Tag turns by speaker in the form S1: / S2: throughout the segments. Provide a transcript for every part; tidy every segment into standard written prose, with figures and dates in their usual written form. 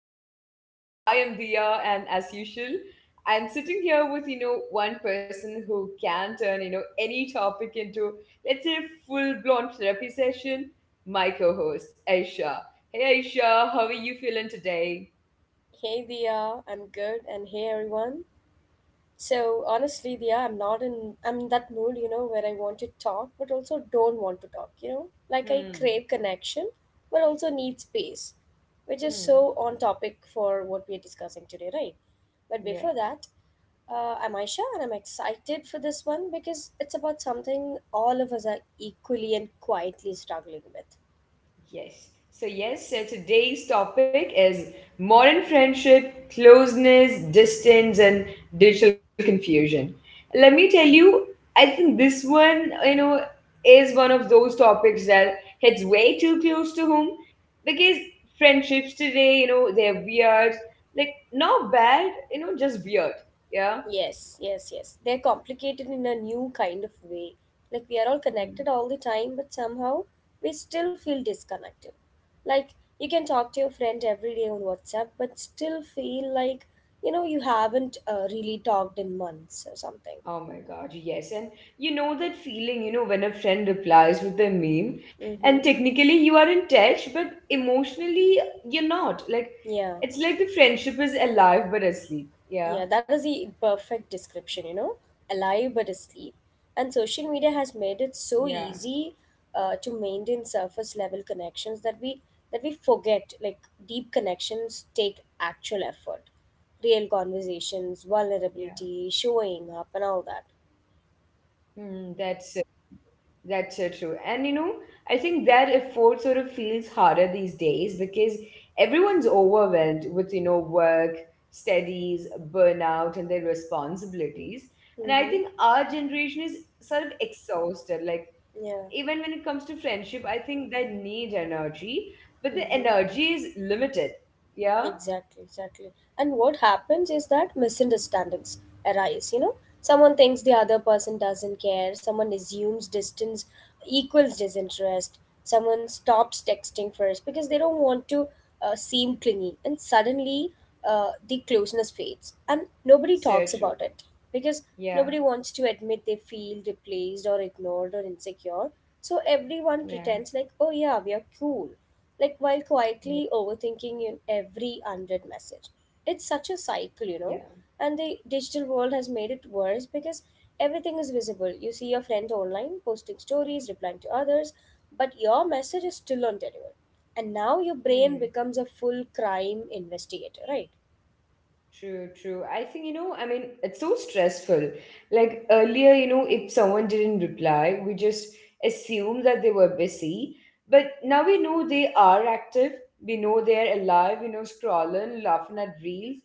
S1: The internet. I am Dia, and as usual, I'm sitting here with one person who can turn any topic into, let's say, full blown therapy session. My co-host Aisha. Hey Aisha, how are you feeling today?
S2: Hey Dia, I'm good, and hey everyone. So honestly, Dia, I'm not in I'm in that mood, you know, where I want to talk, but also don't want to talk, you know? Like I
S1: Hmm.
S2: crave connection, but also need space, which is
S1: Hmm.
S2: so on topic for what we are discussing today, right? But before
S1: Yeah.
S2: that, I'm Aisha, and I'm excited for this one because it's about something all of us are equally and quietly struggling with.
S1: Yes. So, yes, so today's topic is modern friendship, closeness, distance, and digital confusion. Let me tell you, I think this one, is one of those topics that hits way too close to home, because friendships today, they're weird. Like, not bad, just weird. Yeah.
S2: Yes, yes, yes. They're complicated in a new kind of way. Like we are all connected all the time, but somehow we still feel disconnected. Like you can talk to your friend every day on WhatsApp, but still feel like, you know, you haven't really talked in months or something.
S1: Oh my God, yes. And you know that feeling, when a friend replies with a meme, and
S2: Mm-hmm.
S1: technically you are in touch, but emotionally you're not. Like,
S2: Yeah.
S1: it's like the friendship is alive but asleep. Yeah,
S2: Yeah, that is the perfect description, you know, alive but asleep. And social media has made it so
S1: yeah,
S2: easy to maintain surface level connections that we forget like deep connections take actual effort, real conversations,
S1: yeah.
S2: vulnerability, showing up, and all that.
S1: Mm, that's uh, that's so true. And I think that effort sort of feels harder these days because everyone's overwhelmed with, work, studies, burnout, and their responsibilities. And I
S2: Mm-hmm.
S1: think our generation is sort of exhausted. Like,
S2: Yeah.
S1: even when it comes to friendship, I think they need energy, but the
S2: Mm-hmm.
S1: energy is limited. Yeah.
S2: Exactly, exactly. And what happens is that misunderstandings arise, you know? Someone thinks the other person doesn't care, someone assumes distance equals disinterest, someone stops texting first because they don't want to seem clingy, and suddenly the closeness fades, and nobody talks about it
S1: So true.
S2: because nobody wants to
S1: Yeah.
S2: admit they feel replaced or ignored or insecure. So everyone
S1: Yeah.
S2: pretends like, oh yeah, we are cool, like, while
S1: Yeah.
S2: quietly overthinking in every unread message. It's such a cycle,
S1: Yeah.
S2: you know. And the digital world has made it worse because everything is visible. You see your friend online posting stories, replying to others, but your message is still undelivered. And now your
S1: Hmm.
S2: brain becomes a full crime investigator, right?
S1: True, true. I think, I mean, it's so stressful. Like earlier, if someone didn't reply, we just assume that they were busy. But now we know they are active. We know they're alive, scrolling, laughing at reels,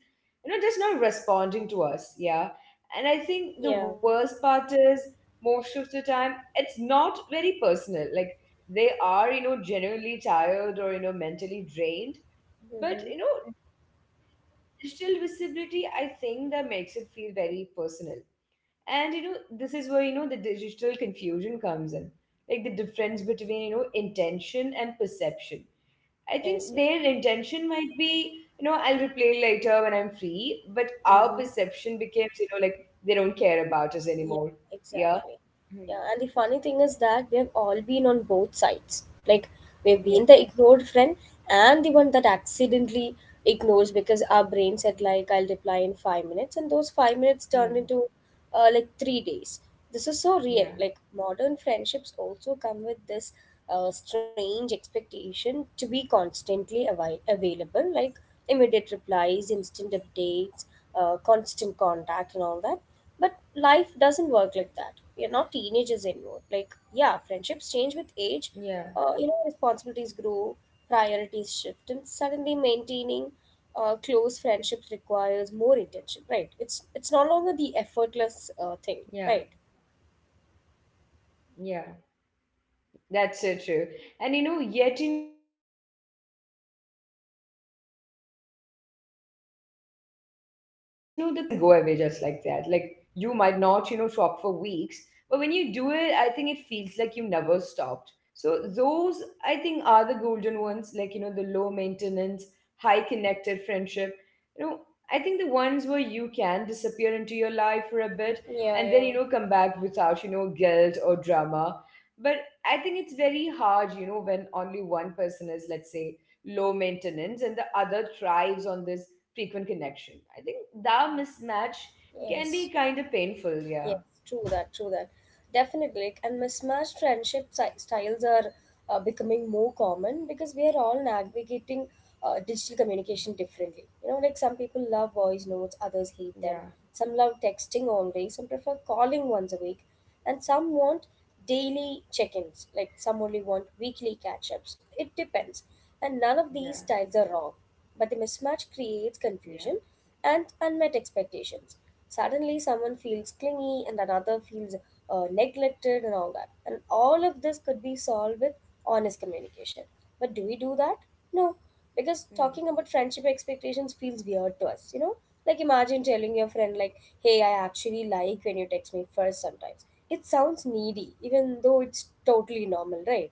S1: just not responding to us. Yeah. And I think the
S2: Yeah.
S1: worst part is, most of the time, it's not very personal. Like they are, genuinely tired, or, mentally drained,
S2: Mm-hmm.
S1: but digital visibility, I think that makes it feel very personal. And this is where the digital confusion comes in, like the difference between intention and perception. I
S2: Yes. Yes.
S1: think their intention might be, I'll replay later when I'm free, but
S2: Mm-hmm.
S1: our perception becomes, like they don't care
S2: Yeah,
S1: about us anymore.
S2: exactly.
S1: Yeah.
S2: Yeah, and the funny
S1: Hmm.
S2: thing is that we have all been on both sides. Like, we've been the ignored
S1: Yeah.
S2: friend and the one that accidentally ignores because our brain said, like, I'll reply in five minutes, and those five minutes turned into
S1: Hmm.
S2: like three days. This is so real. Like modern
S1: Yeah.
S2: friendships also come with this strange expectation to be constantly available, like immediate replies, instant updates, constant contact, and all that. But life doesn't work like that. We are not teenagers anymore. Like, yeah, friendships change with age.
S1: Yeah.
S2: You know, responsibilities grow, priorities shift, and suddenly maintaining close friendships requires more intention, right? It's no longer the effortless thing,
S1: Yeah.
S2: right?
S1: Yeah. That's so true. And yet the closeness you feel with certain people, I think it doesn't go away just like that. Like you might not, talk for weeks, but when you do it, I think it feels like you never stopped. So those, I think, are the golden ones, like the low maintenance, high connected friendship. You know, I think the ones where you can disappear into your life for a bit and
S2: Yeah,
S1: then
S2: yeah.
S1: come back without, guilt or drama. But I think it's very hard, when only one person is, let's say, low maintenance and the other thrives on this frequent connection. I think that mismatch
S2: Yes.
S1: can be kind of
S2: Yes. True
S1: painful.
S2: that.
S1: Yeah.
S2: True that. Definitely. And mismatched friendship styles are becoming more common because we are all navigating digital communication differently. You know, like some people love voice notes,
S1: Yeah.
S2: others hate them. Some love texting only, some prefer calling once a week, and some want daily check ins, like some only want weekly catch ups. It depends. And none of these
S1: Yeah.
S2: styles are wrong. But the mismatch creates confusion
S1: Yeah.
S2: and unmet expectations. Suddenly, someone feels clingy and another feels neglected and all that. And all of this could be solved with honest communication. But do we do that? No, because
S1: Hmm.
S2: talking about friendship expectations feels weird to us, you know? Like, imagine telling your friend, like, hey, I actually like when you text me first sometimes. It sounds needy, even though it's totally normal, right?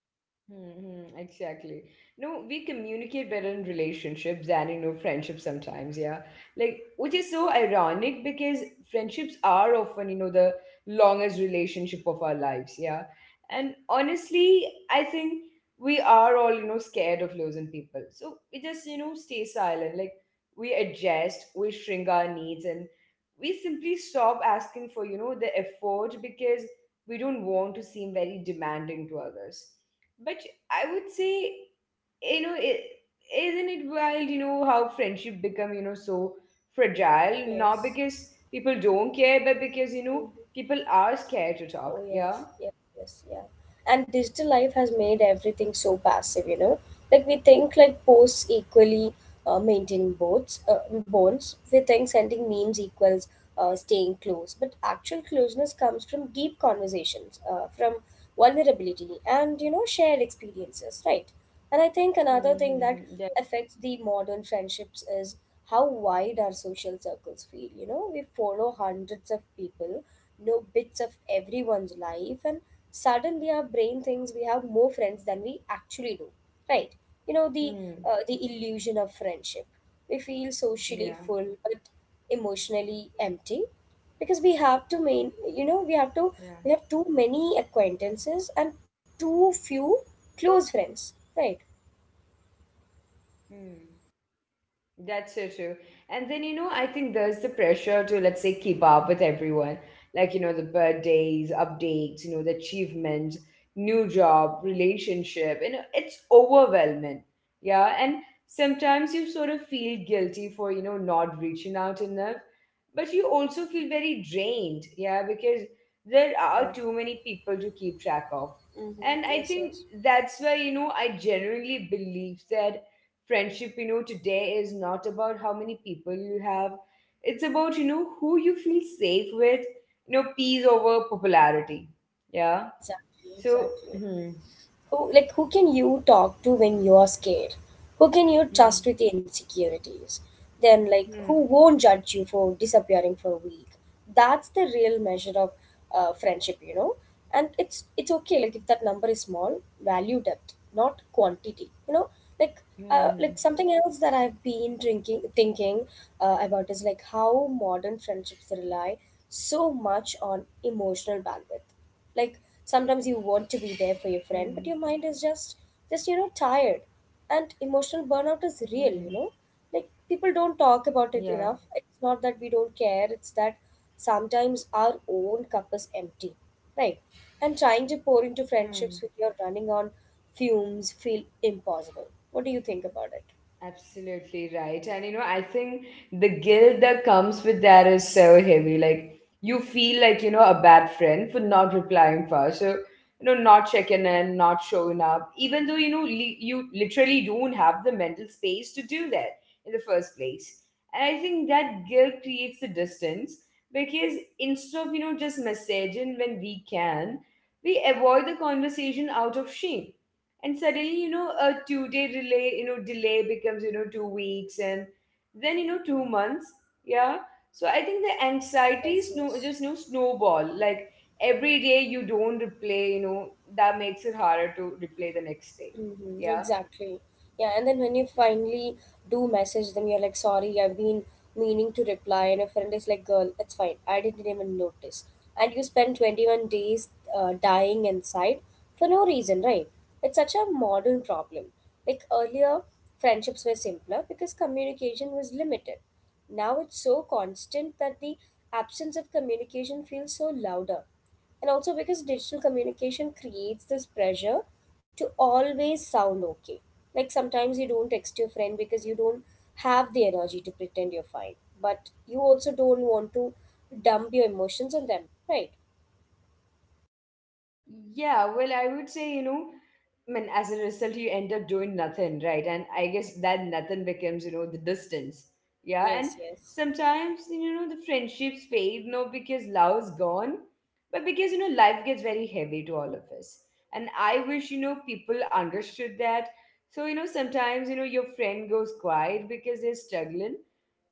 S1: Mm-hmm, exactly. No, we communicate better in relationships than in no friendships sometimes, yeah. Like, which is so ironic, because friendships are often, the longest relationship of our lives, yeah. And honestly, I think we are all, scared of losing people. So we just, stay silent. Like, we adjust, we shrink our needs, and we simply stop asking for, the effort, because we don't want to seem very demanding to others. But I would say, you know, it, isn't it wild, how friendship become, so fragile? Not
S2: Yes.
S1: because people don't care, but because,
S2: Mhm.
S1: people are scared to
S2: Oh
S1: talk. Yeah.
S2: yes, yes, yes, yeah. And digital life has made everything so passive, you know. Like we think like posts equally maintaining boats, bones. We think sending memes equals staying close, but actual closeness comes from deep conversations, from vulnerability, and you know shared experiences, right? And I think
S1: Hmm. Hmm,
S2: another thing
S1: hmm.
S2: that
S1: Yeah.
S2: affects the modern friendships is how wide our social circles feel. You know, we follow hundreds of people, know bits of everyone's life, and suddenly our brain thinks we have more friends than we actually do. Right? You know,
S1: Hmm.
S2: the illusion of friendship. We feel socially
S1: Yeah.
S2: full but emotionally empty because we have to,
S1: Yeah.
S2: we have too many acquaintances and too few close friends, right?
S1: Hmm. That's so true. And then, I think there's the pressure to, let's say, keep up with everyone. Like, the birthdays, updates, the achievements, new job, relationship, it's overwhelming. Yeah. And sometimes you sort of feel guilty for, not reaching out enough. But you also feel very drained. Yeah. Because there
S2: Yeah.
S1: are too many people to keep track of.
S2: Mm-hmm.
S1: And I
S2: Yes,
S1: think
S2: yes.
S1: that's why, I genuinely believe that friendship today is not about how many people you have. It's about who you feel safe with, peace over popularity. Yeah.
S2: Exactly,
S1: So.
S2: exactly.
S1: Hmm,
S2: Who, like, who can you talk to when you are scared? Who can you trust
S1: hmm,
S2: with your insecurities? Then, like, who
S1: hmm,
S2: won't judge you for disappearing for a week? That's the real measure of friendship, you know. And it's okay, like, if that number is small, value depth, not quantity, you know. Like,
S1: hmm, hmm,
S2: like something else that I've been drinking thinking about is like how modern friendships rely so much on emotional bandwidth. Like sometimes you want to be
S1: hmm,
S2: there for your friend but your mind is just you know tired. And emotional burnout is
S1: hmm.
S2: real, you know. Like people don't talk about
S1: Yeah.
S2: it enough. It's not that we don't care, it's that sometimes our own cup is empty, right? And trying to pour into
S1: Hmm.
S2: friendships when you're running on fumes feel impossible. What do you think about it?
S1: Absolutely right. And I think the guilt that comes with that is so heavy. Like, you feel like, a bad friend for not replying fast. So, not checking in, not showing up, even though, you literally don't have the mental space to do that in the first place. And I think that guilt creates the distance, because instead of, just messaging when we can, we avoid the conversation out of shame. And suddenly, a 2-day delay becomes, 2 weeks, and then, 2 months. Yeah. So I think the anxiety
S2: Yes,
S1: snow
S2: yes.
S1: just, snowball, like every day you don't replay, that makes it harder to replay the next day.
S2: Mm-hmm,
S1: Yeah.
S2: exactly. Yeah, and then when you finally do message them, you're like, sorry, I've been meaning to reply. And your friend is like, girl, it's fine. I didn't even notice. And you spend 21 days dying inside for no reason, right? It's such a modern problem. Like earlier, friendships were simpler because communication was limited. Now it's so constant that the absence of communication feels so louder. And also because digital communication creates this pressure to always sound okay. Like sometimes you don't text your friend because you don't have the energy to pretend you're fine, but you also don't want to dump your emotions on them, right?
S1: Yeah, well, I would say, I mean, as a result, you end up doing nothing, right? And I guess that nothing becomes, the distance. Yeah, and
S2: Yes, yes.
S1: sometimes, the friendships fade, not because love's gone, but because, life gets very heavy to all of us. And I wish, people understood that. So, sometimes, your friend goes quiet because they're struggling.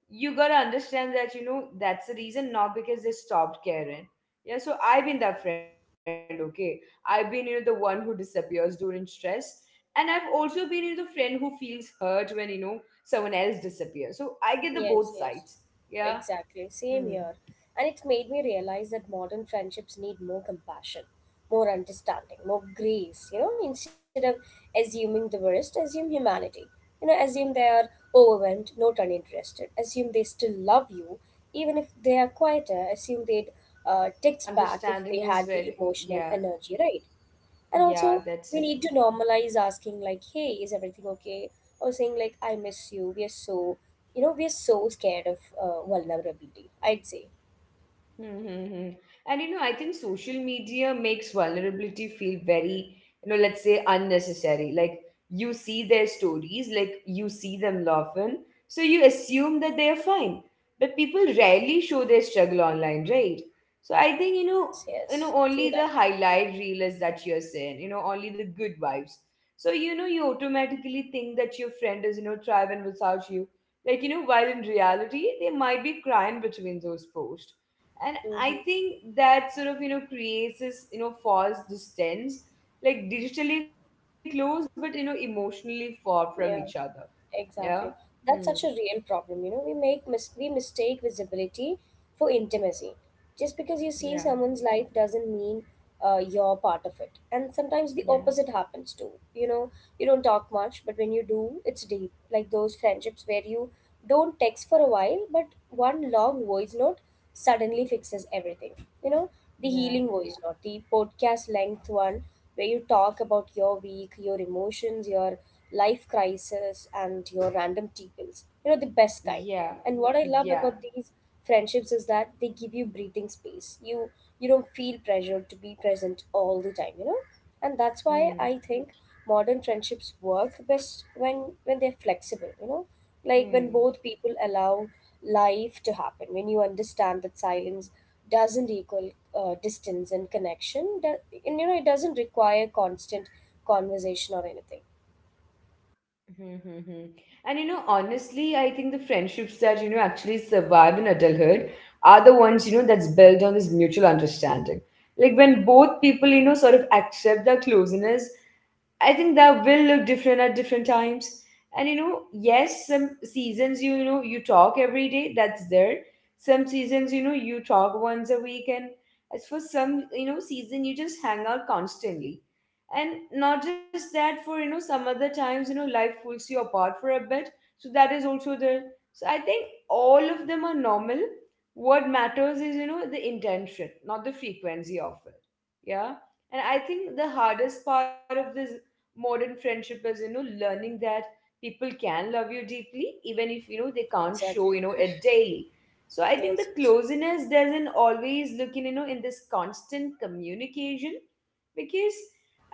S1: You gotta understand that that's the reason, not because they stopped caring. Yeah. So I've been that friend, okay. I've been, the one who disappears during stress. And I've also been, the friend who feels hurt when, someone else disappears. So I get the both
S2: Yes,
S1: sides,
S2: yes,
S1: yeah.
S2: exactly.
S1: Hmm.
S2: Same here. And it's made me realize that modern friendships need more compassion, more understanding, more grace. You know, instead of assuming the worst, assume humanity. You know, assume
S1: Yeah,
S2: they are
S1: so
S2: overwhelmed, not
S1: that's
S2: uninterested.
S1: the,
S2: Assume they
S1: instead of
S2: still
S1: just,
S2: love you, even if
S1: assuming
S2: they are
S1: things out
S2: quieter.
S1: there,
S2: Assume
S1: I
S2: they'd
S1: think their
S2: text back if they
S1: understanding is
S2: had the
S1: very,
S2: emotional
S1: yeah,
S2: energy, right? And
S1: yeah.
S2: also,
S1: That's
S2: we
S1: it.
S2: need to normalize asking, like, hey, is everything okay? Or saying, like, I miss you. We are so scared of vulnerability, I'd say.
S1: Mm-hmm. And I think social media makes vulnerability feel very, let's say, unnecessary. Like, you see their stories, like you see them laughing, so you assume that they are fine. But people rarely show their struggle online, right? So I think,
S2: Yes, yes. True
S1: only the
S2: that.
S1: highlight reel is that you're saying, only the good vibes. So, you automatically think that your friend is, thriving without you. Like, while in reality, they might be crying between those posts. And I
S2: Mm-hmm.
S1: think that sort of, creates this, false distance, like digitally close but, emotionally far from each other.
S2: Yeah.
S1: Yeah.
S2: Exactly.
S1: Hmm.
S2: That's such a real problem. You know, we make we mistake visibility for intimacy. Just because you
S1: Yeah.
S2: see someone's life doesn't mean you're part of it. And sometimes the
S1: Yeah.
S2: opposite happens too. You know, you don't talk much, but when you do, it's deep. Like those friendships where you don't text for a while, but one long voice note suddenly fixes everything. You know, the
S1: Yeah.
S2: healing voice note, the podcast length one where you talk about your week, your emotions, your life crisis and your random tea pills. You know, the best kind.
S1: Yeah.
S2: And what I love about
S1: Yeah.
S2: these friendships is that they give you breathing space. You don't feel pressured to be present all the time, you know? And that's why I
S1: Hmm.
S2: think modern friendships work best when they're flexible, you know? Like when both
S1: Hmm.
S2: people allow life to happen, when you understand that silence doesn't equal distance and connection, that, and you know, it doesn't require constant conversation or anything.
S1: Hmm, hmm, hmm. And honestly, I think the friendships that, actually survive in adulthood, are the ones, that's built on this mutual understanding. Like, when both people, sort of accept their closeness, I think that will look different at different times. And yes, seasons you talk every day, that's there. Some seasons, you talk once a week, and as for some, season you just hang out constantly. And not just that, for, some other times, life pulls you apart for a bit. So that is also there. So I think all of them are normal. What matters is, the intention, not the frequency of it. Yeah. And I think the hardest part of this modern friendship is, learning that people can love you deeply, even if, they can't show,
S2: Exactly.
S1: it daily. So I think the
S2: Yes, yes.
S1: closeness doesn't always look, in you know in this constant communication. Because,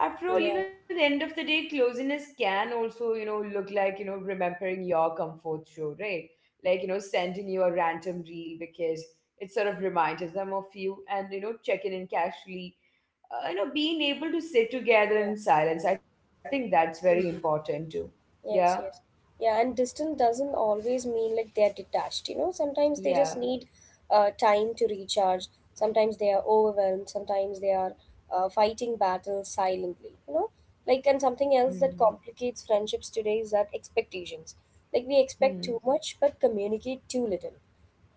S1: after all,
S2: Yeah,
S1: the end of the day, closeness can also, look like, remembering your comfort show, right? Like, sending you a random reel because it sort of reminds them of you. And, checking in casually, being able to sit together
S2: yeah,
S1: in silence, I think that's very important too. Yeah.
S2: yes, yes. Yeah, and distance doesn't always mean like they're detached, you know. Sometimes they
S1: Yeah.
S2: just need time to recharge. Sometimes they are overwhelmed. Sometimes they are fighting battles silently, you know. Like, and something
S1: Mm-hmm.
S2: else that complicates friendships today is that expectations. Like, we expect
S1: Mm-hmm.
S2: too much but communicate too little.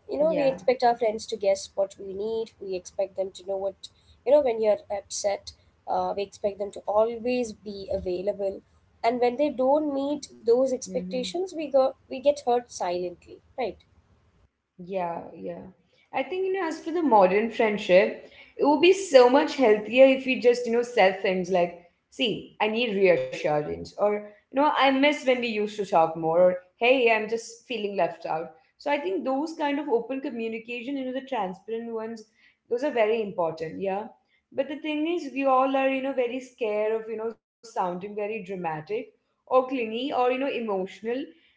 S2: You know, we
S1: Yeah.
S2: expect our friends to guess what we need, we expect them to know what, you know, when you're upset, we expect them to always be available. And when they don't
S1: Hmm.
S2: meet those expectations we get hurt silently, right?
S1: Yeah, yeah. I think, as for the modern friendship, it would be so much healthier if we just, said things like, see, I need reassurance, or, I miss when we used to talk more, or, hey, I'm just feeling left out. So I think those kind of open communication, the transparent ones, those are very important, yeah. But the thing is, we all are, very scared of, sounding very dramatic or clingy or, emotional.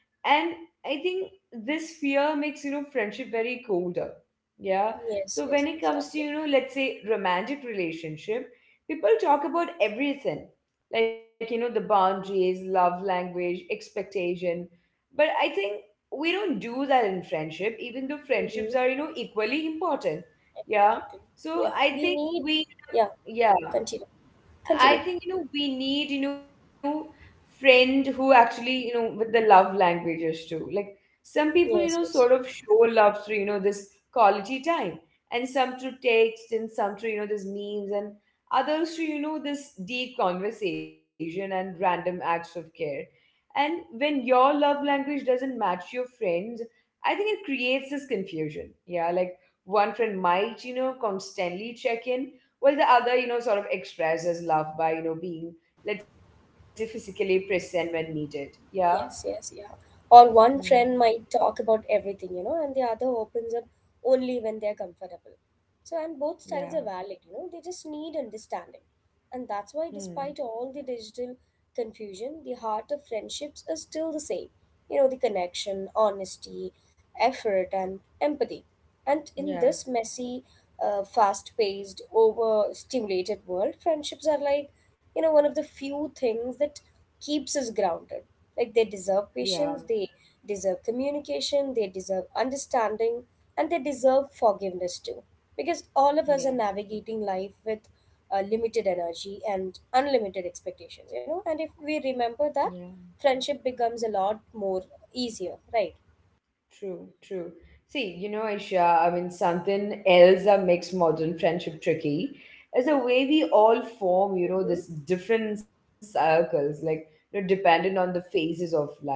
S1: And I think this fear makes friendship very colder, yeah.
S2: Yes,
S1: So when
S2: yes,
S1: it comes to,
S2: exactly.
S1: let's say, romantic relationship, people talk about everything, like, the boundaries, love language, expectation. But I think we don't do that in friendship, even though friendships
S2: Mm-hmm.
S1: are, equally important, yeah.
S2: Exactly.
S1: So
S2: Yeah,
S1: I
S2: we
S1: think
S2: need,
S1: we
S2: yeah.
S1: yeah
S2: Continue. Continue.
S1: I think, we need, friend who actually, with the love languages too. Like some people,
S2: Yes,
S1: sort of
S2: yes.
S1: show love through, this quality time, and some through text, and some through, this memes, and others through, this deep conversation and random acts of care. And when your love language doesn't match your friend's, I think it creates this confusion. Yeah, like one friend might, constantly check in, well, the other, sort of expresses love by, being, let's say, physically present when needed. Yeah.
S2: Yes, yes, yeah. Or
S1: Hmm.
S2: one friend might talk about everything, you know, and the other opens up only when they're comfortable. So, and both
S1: Yeah.
S2: styles are valid, you know, they just need understanding. And that's why,
S1: Hmm.
S2: despite all the digital confusion, the heart of friendships is still the same. You know, the connection, honesty, effort, and empathy. And in
S1: Yeah.
S2: this messy, fast paced, over stimulated world, friendships are like, you know, one of the few things that keeps us grounded. Like they deserve
S1: Yeah.
S2: patience, they deserve communication, they deserve understanding, and they deserve forgiveness too. Because all of us are
S1: Yeah.
S2: navigating life with limited energy and unlimited expectations, you know. And if we remember that,
S1: Yeah.
S2: friendship becomes a lot more easier, right?
S1: True. True. See, Isha, I mean, something else that makes modern friendship tricky is the way we all form,
S2: Mm-hmm.
S1: this different circles, like, dependent on the phases of life.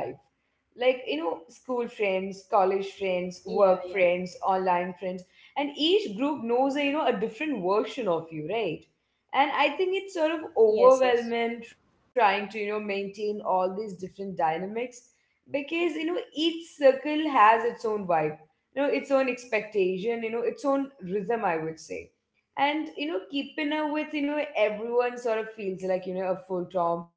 S1: Like school friends, college friends, work
S2: Yeah, yeah.
S1: friends, online friends, and each group knows a, different version of you, right? And I think it's sort of
S2: Yes, yes.
S1: overwhelming trying to maintain all these different dynamics, because each circle has its own vibe, its own expectation, its own rhythm, I would say. And keeping up with everyone sort of feels like a full-time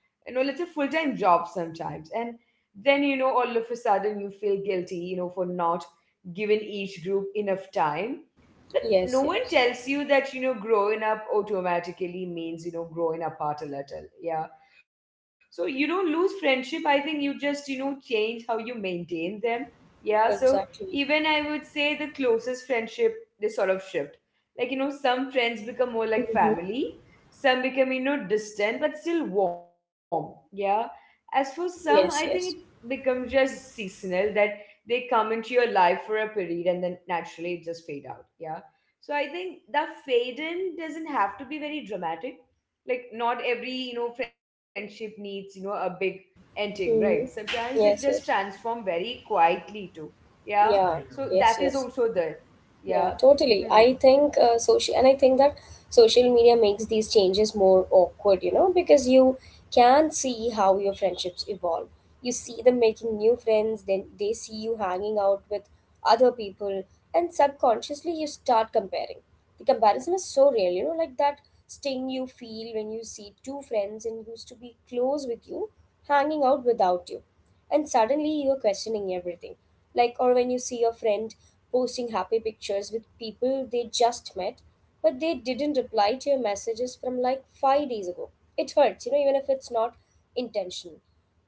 S1: you know like a full-time job sometimes, and then all of a sudden you feel guilty for not giving each group enough time. But no
S2: Yes,
S1: one
S2: yes.
S1: tells you that growing up automatically means growing apart a little, yeah. So you don't lose friendship, I think you just change how you maintain them, yeah. So
S2: Exactly.
S1: even I would closest friendship, they sort of shift, like, some friends become more like
S2: Mm-hmm.
S1: family, some become, distant but still warm. Yeah. As for some, I think
S2: Yes,
S1: it
S2: yes.
S1: becomes just seasonal, that they come into your life for a period and then naturally it just fade out. Yeah. So I think the fade in doesn't have to be very dramatic. Like not every, friendship needs, a big ending, right?
S2: Mm-hmm.
S1: Sometimes it just
S2: Yes, yes.
S1: transform very quietly too. Yeah.
S2: Yeah.
S1: Right. So that
S2: Yes,
S1: is
S2: yes.
S1: also there.
S2: Yeah,
S1: Yeah.
S2: totally.
S1: Hmm.
S2: I think that social media makes these changes more awkward, you know, because you can see how your friendships evolve. You see them making new friends, then they see you hanging out with other people, and subconsciously you start comparing. The comparison is so real, you know, like that sting you feel when you see two friends and used to be close with you hanging out without you, and suddenly you're questioning everything. Like, or when you see your friend posting happy pictures with people they just met, but they didn't reply to your messages from like 5 days ago. It hurts, you know, even if it's not intentional.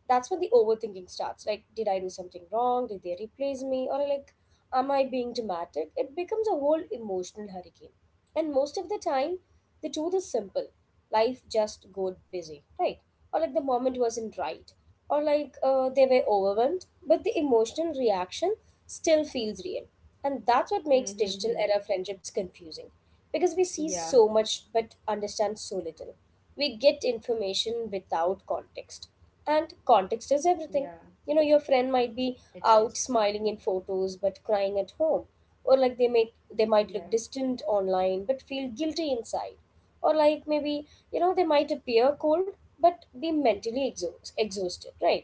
S2: That's when the overthinking starts. Like, did I do something wrong? Did they replace me? Or like, am I being dramatic? It becomes a whole emotional hurricane. And most of the time, the truth is simple. Life just got busy, right? Or like the moment wasn't right. Or like they were overwhelmed, but the emotional reaction still feels real. And that's what makes
S1: Mm-hmm.
S2: digital era
S1: Mm-hmm.
S2: friendships confusing. Because we see so
S1: Yeah,
S2: much but understand so little. We get information without context. And context
S1: yeah,
S2: is everything. You know, your friend might
S1: it
S2: be
S1: is.
S2: out smiling in photos but crying at home, or like they might look
S1: Yeah,
S2: distant online but feel guilty inside, or like maybe, you know, they might appear cold but be mentally exhausted, right?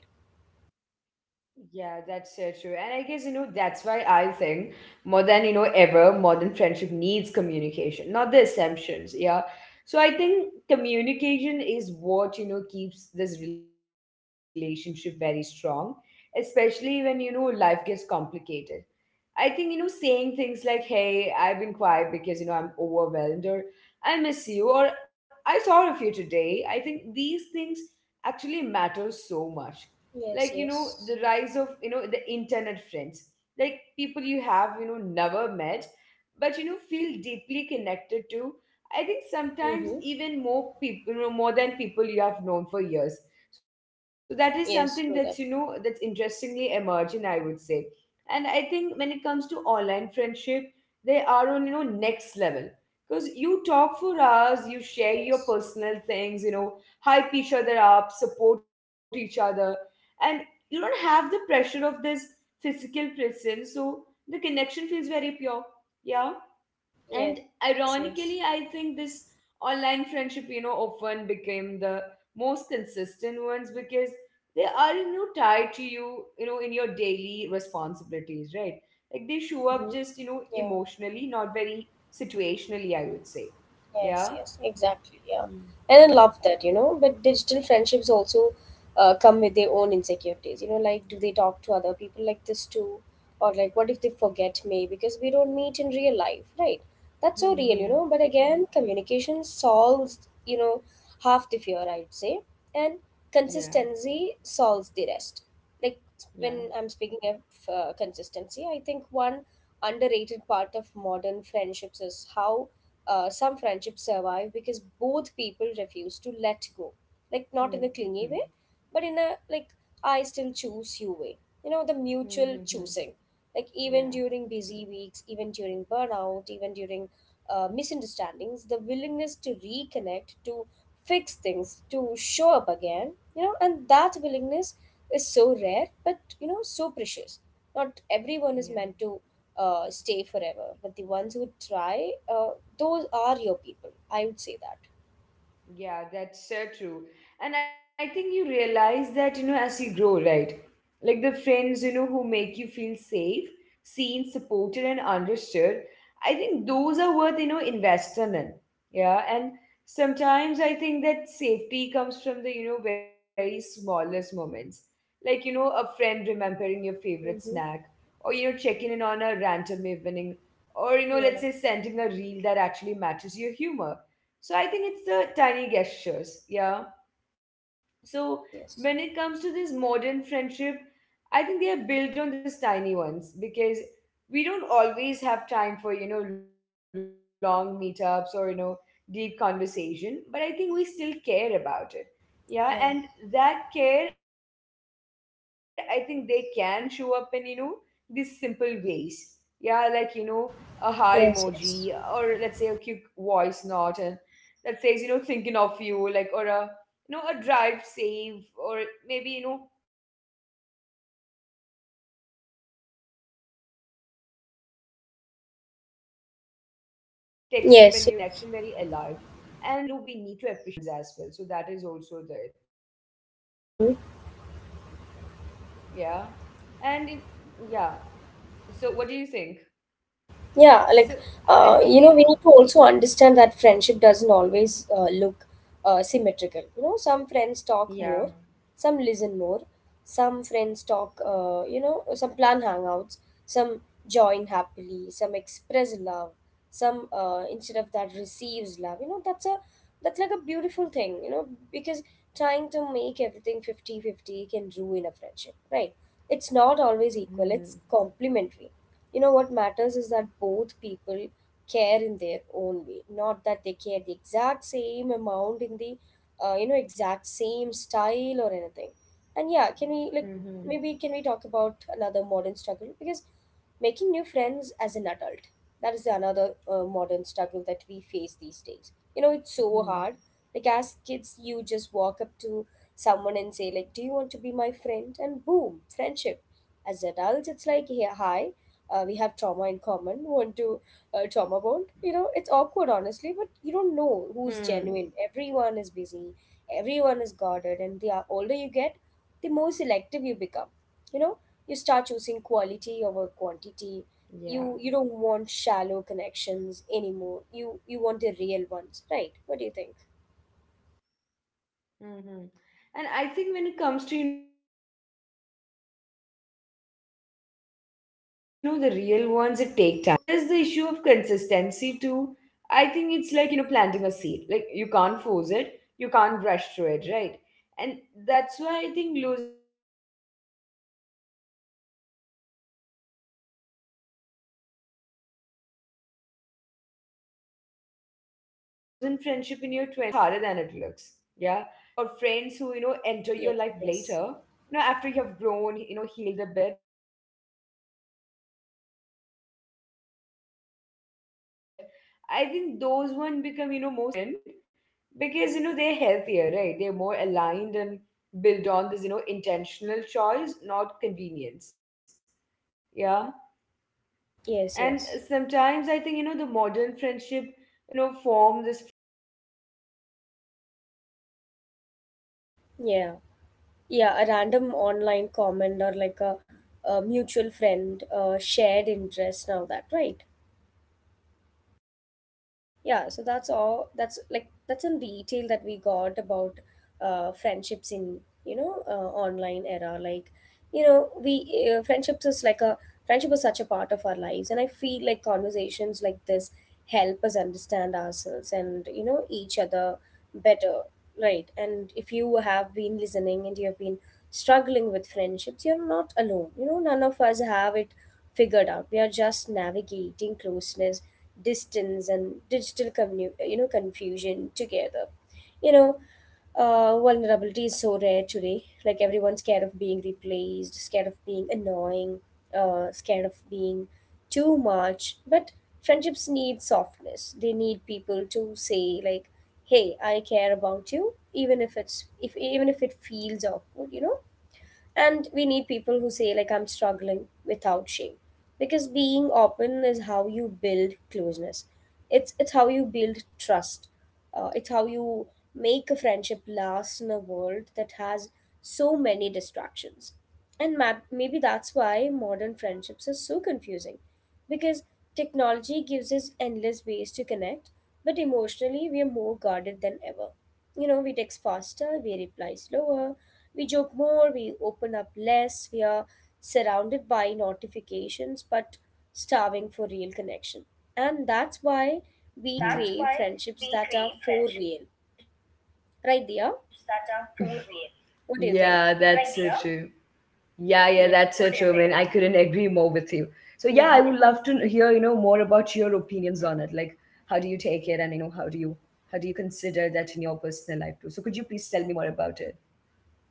S1: yeah, that's so true. And I guess, that's why I think more than, ever, modern friendship needs communication, not the assumptions. Yeah. So I think communication is what, keeps this relationship very strong, especially when, life gets complicated. I think, saying things like, hey, I've been quiet because, I'm overwhelmed, or I miss you, or I thought of you today. I think these things actually matter so much. Like,
S2: Yes,
S1: the rise of,
S2: yes.
S1: the internet friends, like people you have, never met, but, feel deeply connected to. I think sometimes
S2: Mm-hmm.
S1: even more people, more than people you have known for years. So that is something that's,
S2: Yes, true
S1: that's
S2: that.
S1: interestingly emerging, I would say. And I think when it comes to online friendship, they are on next level, because you talk for hours, you share your
S2: Yes.
S1: personal things, hype each other up, support each other. And you don't have the pressure of this physical presence, so the connection feels very pure, yeah. And
S2: Yes, yes.
S1: ironically I think this online friendship often became the most consistent ones, because they are tied to you you know in your daily responsibilities, right? Like they show
S2: Mm-hmm.
S1: up just
S2: Yeah.
S1: emotionally, not very situationally, I would say.
S2: Yes, yes,
S1: Yeah.
S2: exactly. Yeah.
S1: Hmm.
S2: And I love that, you know, but digital friendships also come with their own insecurities. You know, like, do they talk to other people like this too? Or like, what if they forget me because we don't meet in real life, right? That's so real, you
S1: Hmm.
S2: know, but
S1: Hmm.
S2: again, communication solves, you know, half the fear, I'd say, and
S1: Yeah.
S2: consistency solves the rest. Like, when I'm
S1: Yeah.
S2: speaking of consistency, I think one underrated part of modern friendships is how some friendships survive because both people refuse to let go. Like, not in a clingy way,
S1: Hmm.
S2: but in a, like, I still choose you way. You know, the mutual
S1: Hmm. Hmm.
S2: choosing.
S1: Hmm. Hmm.
S2: Like, even during
S1: Yeah.
S2: busy weeks, even during burnout, even during misunderstandings, the willingness to reconnect, to fix things, to show up again, you know, and that willingness is so rare, but, you know, so precious. Not everyone is meant to
S1: Yeah.
S2: stay forever, but the ones who try, those are your people. I would say that.
S1: Yeah, that's so true. And I think you realize that, as you grow, right? Like the friends, who make you feel safe, seen, and understood. I think those are worth, investing in. Yeah. And sometimes I think that safety comes from the, very smallest moments. Like, a friend remembering your favorite snack,
S2: Mm-hmm.
S1: or, checking in on a random evening, or, let's
S2: Yeah.
S1: say, sending a reel that actually matches your humor. So I think it's the tiny gestures, yeah. So when
S2: Yes,
S1: it
S2: yes.
S1: comes to this modern friendship, I think they are built on these tiny ones, because we don't always have time for, long meetups or, deep conversation, but I think we still care about it. Yeah, and
S2: Yeah.
S1: that care, I think they can show up in, these simple ways. Yeah, like, a heart emoji, or let's say a cute
S2: Yes.
S1: voice
S2: Yes.
S1: note and that says, thinking of you, like, or a a drive save, or maybe text me when you reach. I think these tiny things keep the conversation or the connection very alive. And also I think we need to appreciate those
S2: Yes.
S1: small effort, instead of waiting for these grand moments as well, so that is also there.
S2: Mhm.
S1: Yeah. Yeah. So what do you think? So
S2: Yeah,
S1: I
S2: like
S1: think
S2: you know, we need to also understand that friendship doesn't always look symmetrical. You know, some friends talk more,
S1: yeah.
S2: some listen more, some friends talk. You know, some plan hangouts, some join happily, some express love, some instead of that receives love. You know, that's a that's like a beautiful thing. You know, because trying to make everything 50/50 can ruin a friendship, right? It's not always
S1: Hmm.
S2: equal. It's complementary. You know, what matters is that both people care in their own way, not that they care the exact same amount in the you know, exact same style or anything. And yeah, can we like,
S1: Hmm. Hmm.
S2: maybe, can we talk about another modern struggle, because making new friends as an adult, that is another modern struggle that we face these days. You know, it's so hard.
S1: Hmm.
S2: Like, as kids you just walk up to someone and say like, do you want to be my friend, and boom, friendship. As adults it's like, yeah,
S1: Hmm.
S2: hi, we have trauma in common, want to trauma bond. You know, it's awkward, honestly, but you don't
S1: Hmm.
S2: know who's genuine, everyone is busy, everyone is guarded, and the older you get, the more selective you become. You know, you start choosing
S1: Yeah.
S2: quality over quantity. You don't want shallow connections anymore. You want the real ones, right? What do you think?
S1: Mm-hmm. And I think when it comes to, the real ones, it take time, because, they take trust, right? So there's the issue of consistency too. I think it's like, planting a seed. Like you can't force it, you can't rush through it, right? And that's why I think losing friendship in your 20s kind of hurts so much, because making new ones is harder than it looks. Yeah. But, I also feel that friendship or friends who enter your life later after you have grown,
S2: Yes, yes,
S1: healed a bit. I think those one become more self-aware. I think those friendship hits a little different, because they're healthier, right? They're more aligned and build on this intentional choice, not convenience, yeah. And sometimes I think, the modern friendship,
S2: yes, yes.
S1: forms is from the most unexpected places, like a random online comment, or a mutual friend, or a shared interest, or even a
S2: Yeah.
S1: relatable reel,
S2: Yeah,
S1: I
S2: a
S1: would
S2: random
S1: say.
S2: online
S1: Yeah.
S2: comment or like a mutual friend,
S1: What's your...
S2: shared interest and all that, right? Yeah, so that's all, that's like, that's in detail that we got about friendships in, you know, online era. Like, you know, we friendships is like a friendship is such a part of our lives, and I feel like conversations like this help us understand ourselves and, you know, each other better, right? And if you have been listening and you have been struggling with friendships, you're not alone. You know, none of us have it figured out. We are just navigating closeness, distance, and you know, confusion together. You know, vulnerability is so rare today. Like, everyone's scared of being replaced, scared of being annoying, scared of being too much. But friendships need softness. They need people to say like, "Hey, I care about you," even if it's if even if it feels awkward. You know, and we need people who say, like, I'm struggling without shame. Because being open is how you build closeness. It's how you build trust. It's how you make a friendship last in a world that has so many distractions. And maybe that's why modern friendships are so confusing, because technology gives us endless ways to connect, but emotionally we are more guarded than ever. You know, we text faster, we reply slower, we joke more, we open up less, we are surrounded by notifications but starving for real connection. And that's why
S1: Hmm. Hmm. Hmm.
S2: we crave friendships that are for real. Right,
S1: Yeah,
S2: Dia?
S1: that's so true. Yeah,
S2: What do
S1: yeah,
S2: you
S1: that's
S2: think?
S1: so true. I mean, I couldn't agree more with you.
S2: Yeah.
S1: So yeah, I would love to hear, more about your
S2: Mm-hmm.
S1: opinions on it. Like, how do you take it, and how do you consider that in your personal life too? So could you please tell me more about it?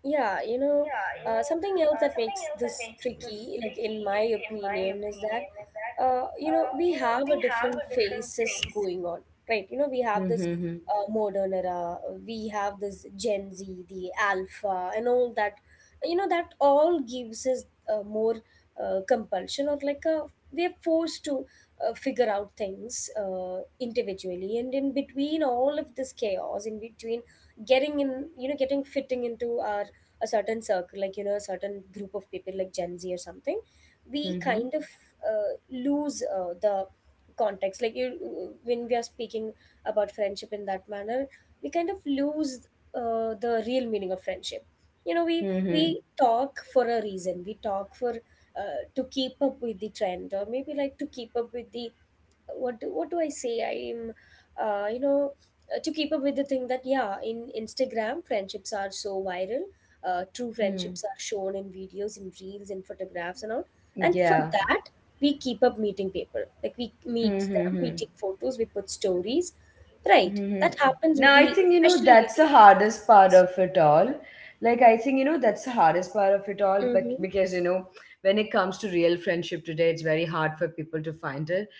S2: Yeah, you know, something else that makes this tricky, like in my opinion, is that, you know, we have a different phases going on, right? You know, we have this
S1: Mm-hmm.
S2: modern era, we have this Gen Z, the Alpha, and all that. You know, that all gives us more compulsion, or like a, we are forced to figure out things individually, and in between all of this chaos, in between getting in you know getting fitting into our a certain circle, like, you know, a certain group of people like Gen Z or something, we kind
S1: Mm-hmm.
S2: of lose the context. Like, you, when we are speaking about friendship in that manner, we kind of lose the real meaning of friendship. You know, we
S1: Mm-hmm.
S2: we talk for a reason, we talk for to keep up with the trend, or maybe like to keep up with the what do I say I'm uh, you know to keep up with the thing that, yeah, in Instagram friendships are so viral, true
S1: Mm-hmm.
S2: friendships are shown in videos, in reels, in photographs and all, and for
S1: Yeah.
S2: that we keep up meeting people. Like, we meet them, we
S1: Mm-hmm.
S2: take photos, we put stories, right?
S1: Mhm.
S2: That happens with
S1: Now, I
S2: the,
S1: think,
S2: especially with
S1: that's
S2: the
S1: the
S2: insta
S1: hardest part
S2: stories.
S1: of it all. Like, I think, that's the hardest part of it all, but
S2: Mm-hmm.
S1: because, when it comes to real friendship today, it's very hard for people to find it,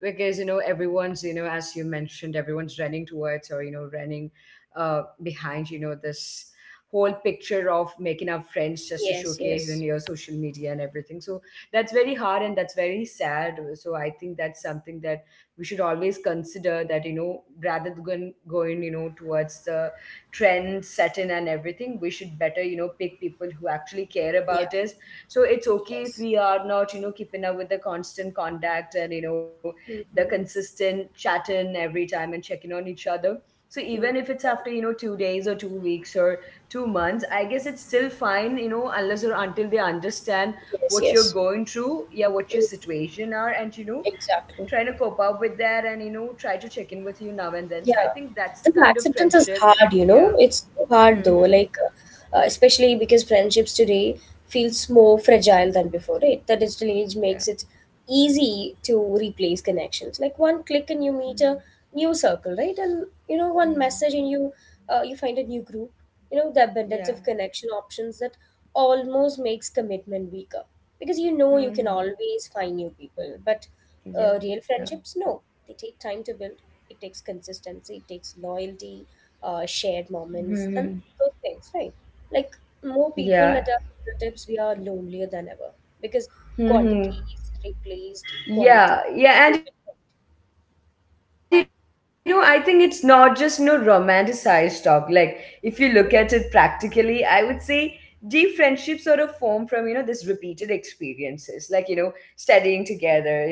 S1: because, everyone's, as you mentioned, everyone's running towards, or, running behind, this whole picture of making our friends just to
S2: Yes,
S1: showcase in
S2: yes.
S1: your social media and everything. So that's very hard and that's very sad. So I think that's something that we should always consider, that rather than going towards the trend set in and everything, we should better pick people who actually care
S2: Yeah.
S1: about us. So it's okay if
S2: Yes.
S1: we are not keeping up with the constant contact, and the
S2: Mm-hmm.
S1: consistent chatting every time and checking on each other. So
S2: Mm.
S1: even if it's
S2: Yeah.
S1: know 2 days, or 2 weeks, or 2 months, I guess it's still fine, unless or until they understand
S2: Yes,
S1: what you're
S2: yes.
S1: going through, yeah, what your
S2: Mm,
S1: situation are, and trying
S2: exactly.
S1: to cope up with that, and try to check in with you now and then. So I
S2: Yeah,
S1: think that's the
S2: the
S1: kind of
S2: acceptance is
S1: friendship.
S2: hard, you
S1: Yeah.
S2: know. It's so hard though,
S1: Hmm.
S2: like especially because friendships today feels more fragile than before, right? The digital age makes
S1: Yeah.
S2: it easy to replace connections. Like, one click and you meet
S1: Hmm.
S2: a new circle, right? And you know, one
S1: Hmm.
S2: message and you you find a new group. You know, the abundance of
S1: Yeah.
S2: connection options that almost makes commitment weaker, because you know you can
S1: Hmm.
S2: always find new people, but
S1: Yeah.
S2: real friendships, no, they take time to build. It takes consistency, it takes loyalty, shared
S1: Hmm.
S2: moments and those things, right? Like, more
S1: Yeah.
S2: people at our fingertips, we are lonelier than ever, because
S1: Hmm.
S2: quantity is replaced
S1: Yeah,
S2: quality.
S1: yeah, and I think it's not just no romanticized talk. Like, if you look at it practically, I would say deep friendships sort of form from this repeated experiences, like studying together, eating together, being bored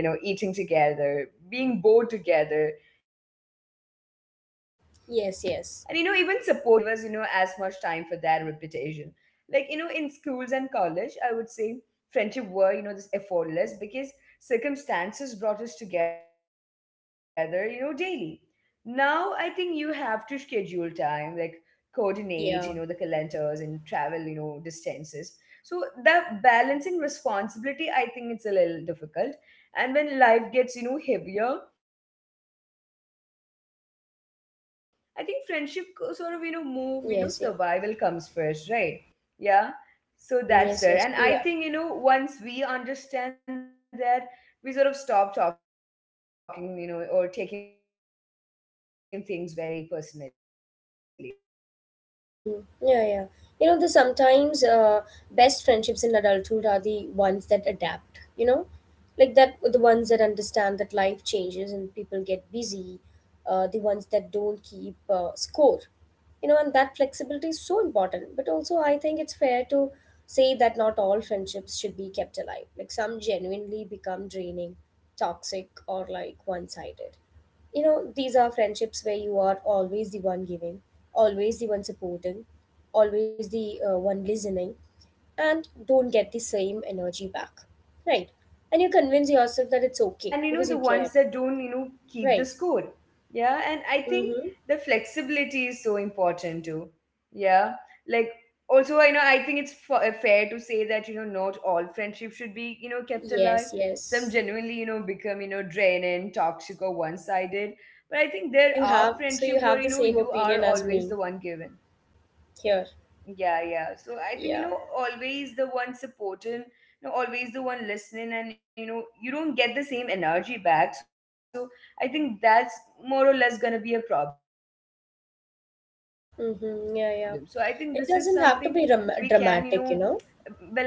S1: together, and even supporting each other through things.
S2: Yes, yes.
S1: But when it comes to adulthood, it doesn't give us as much time for that repetition. Like in schools and college, I would say friendship were this effortless, because circumstances brought us together, daily. Now I think you have to schedule time, like coordinate,
S2: Yeah.
S1: the calendars and travel, distances. So that balancing responsibility, I think it's a little difficult. And when life gets, heavier, I think friendship lower on the list. Not because, they matter less, but
S2: Yes,
S1: because,
S2: yes.
S1: survival comes first, right? Yeah.
S2: Mhm, yes,
S1: So
S2: yes, true
S1: that's it.
S2: that.
S1: And I think, once we understand that, we sort of stop talking, or taking things very personally. Like we stop assuming, distance means disinterest, and
S2: Hmm.
S1: we
S2: Yeah,
S1: stop
S2: yeah.
S1: feeling
S2: You
S1: like,
S2: know, the
S1: we are,
S2: sometimes
S1: losing
S2: best
S1: everyone.
S2: friendships in adulthood are the ones that adapt, you know, like that the ones that understand
S1: Yeah,
S2: that life changes and people get busy, the ones that don't keep score,
S1: yeah.
S2: you know, and that flexibility is so important. But also, I think it's fair to say that not all friendships should be kept alive. Like, some genuinely
S1: So
S2: become
S1: yeah,
S2: draining,
S1: that's true.
S2: toxic,
S1: So
S2: or
S1: yeah,
S2: like
S1: what were
S2: one
S1: you
S2: sided.
S1: saying? That
S2: You know,
S1: no,
S2: these
S1: whatever
S2: are
S1: that you were
S2: friendships
S1: saying,
S2: where
S1: it's
S2: you are
S1: correct. And
S2: always the one
S1: sometimes
S2: giving,
S1: I think the
S2: always
S1: best
S2: the one
S1: friendship in
S2: supporting,
S1: adulthood are
S2: always
S1: the
S2: the
S1: ones that you
S2: one
S1: know that
S2: listening,
S1: sort of adapt,
S2: and
S1: like the
S2: don't
S1: ones
S2: get the
S1: that
S2: same energy
S1: understand
S2: back,
S1: that life
S2: right?
S1: changes and
S2: And
S1: people
S2: you
S1: get
S2: convince yourself
S1: busy,
S2: that it's okay
S1: and
S2: because
S1: the
S2: you care,
S1: ones that don't keep the
S2: right?
S1: score. Yeah, and I think
S2: Mm-hmm.
S1: the flexibility is so important too. Yeah, like also I think it's fair to say that not all friendships should be kept
S2: Yes,
S1: alive.
S2: yes.
S1: Some genuinely become draining or one-sided. But I think there
S2: So you
S1: are
S2: have,
S1: friendship
S2: so you
S1: where
S2: have the same
S1: you are
S2: opinion as
S1: always the
S2: me
S1: one given,
S2: here.
S1: yeah, yeah. So I think
S2: Yeah.
S1: always the one supporting, always the one listening, and you don't get the same energy back. So I think that's more or less going to be a problem. So I think this is something we can
S2: Mm-hmm. Yeah, yeah.
S1: well, I would say
S2: It
S1: most
S2: doesn't
S1: of
S2: have
S1: our
S2: to be
S1: listeners would be
S2: dramatic,
S1: able
S2: you
S1: to
S2: know.
S1: connect to.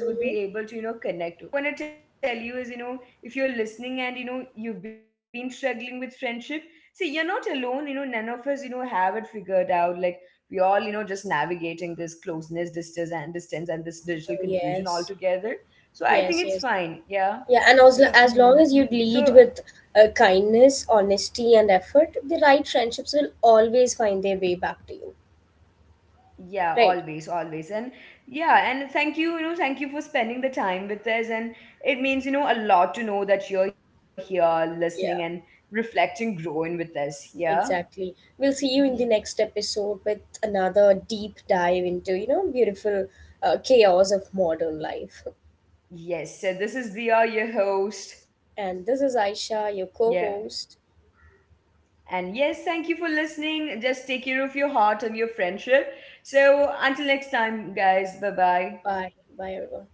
S2: Mm-hmm.
S1: Yeah. And to my listeners, what I want to tell you is, if you're listening and you've been struggling with friendship, see, you're not alone. None of us, have it figured out. Like we all, just navigating this closeness, distance, and this
S2: Oh
S1: digital
S2: yes.
S1: confusion all together. So
S2: Yes,
S1: I
S2: yes.
S1: think it's fine.
S2: Yeah,
S1: Yeah.
S2: and as
S1: So,
S2: long as you
S1: mhm.
S2: lead with
S1: So
S2: kindness, honesty, and effort, the right friendships will always find their way back to you.
S1: yeah,
S2: Right?
S1: always, always. And yeah, and thank you for spending the time with us. And it means, a lot to know that you're here listening and
S2: Yeah,
S1: reflecting, growing with us. Yeah.
S2: exactly. We'll see you
S1: Mhm.
S2: in the next episode with another deep dive into, you know, beautiful chaos of modern life.
S1: Yes. So this is Dia, your host.
S2: And this is Aisha, your
S1: Yeah.
S2: co host.
S1: And yes, thank you for listening. Just take care of your heart and your friendship. So until next time, guys, bye bye.
S2: Bye. Bye, everyone.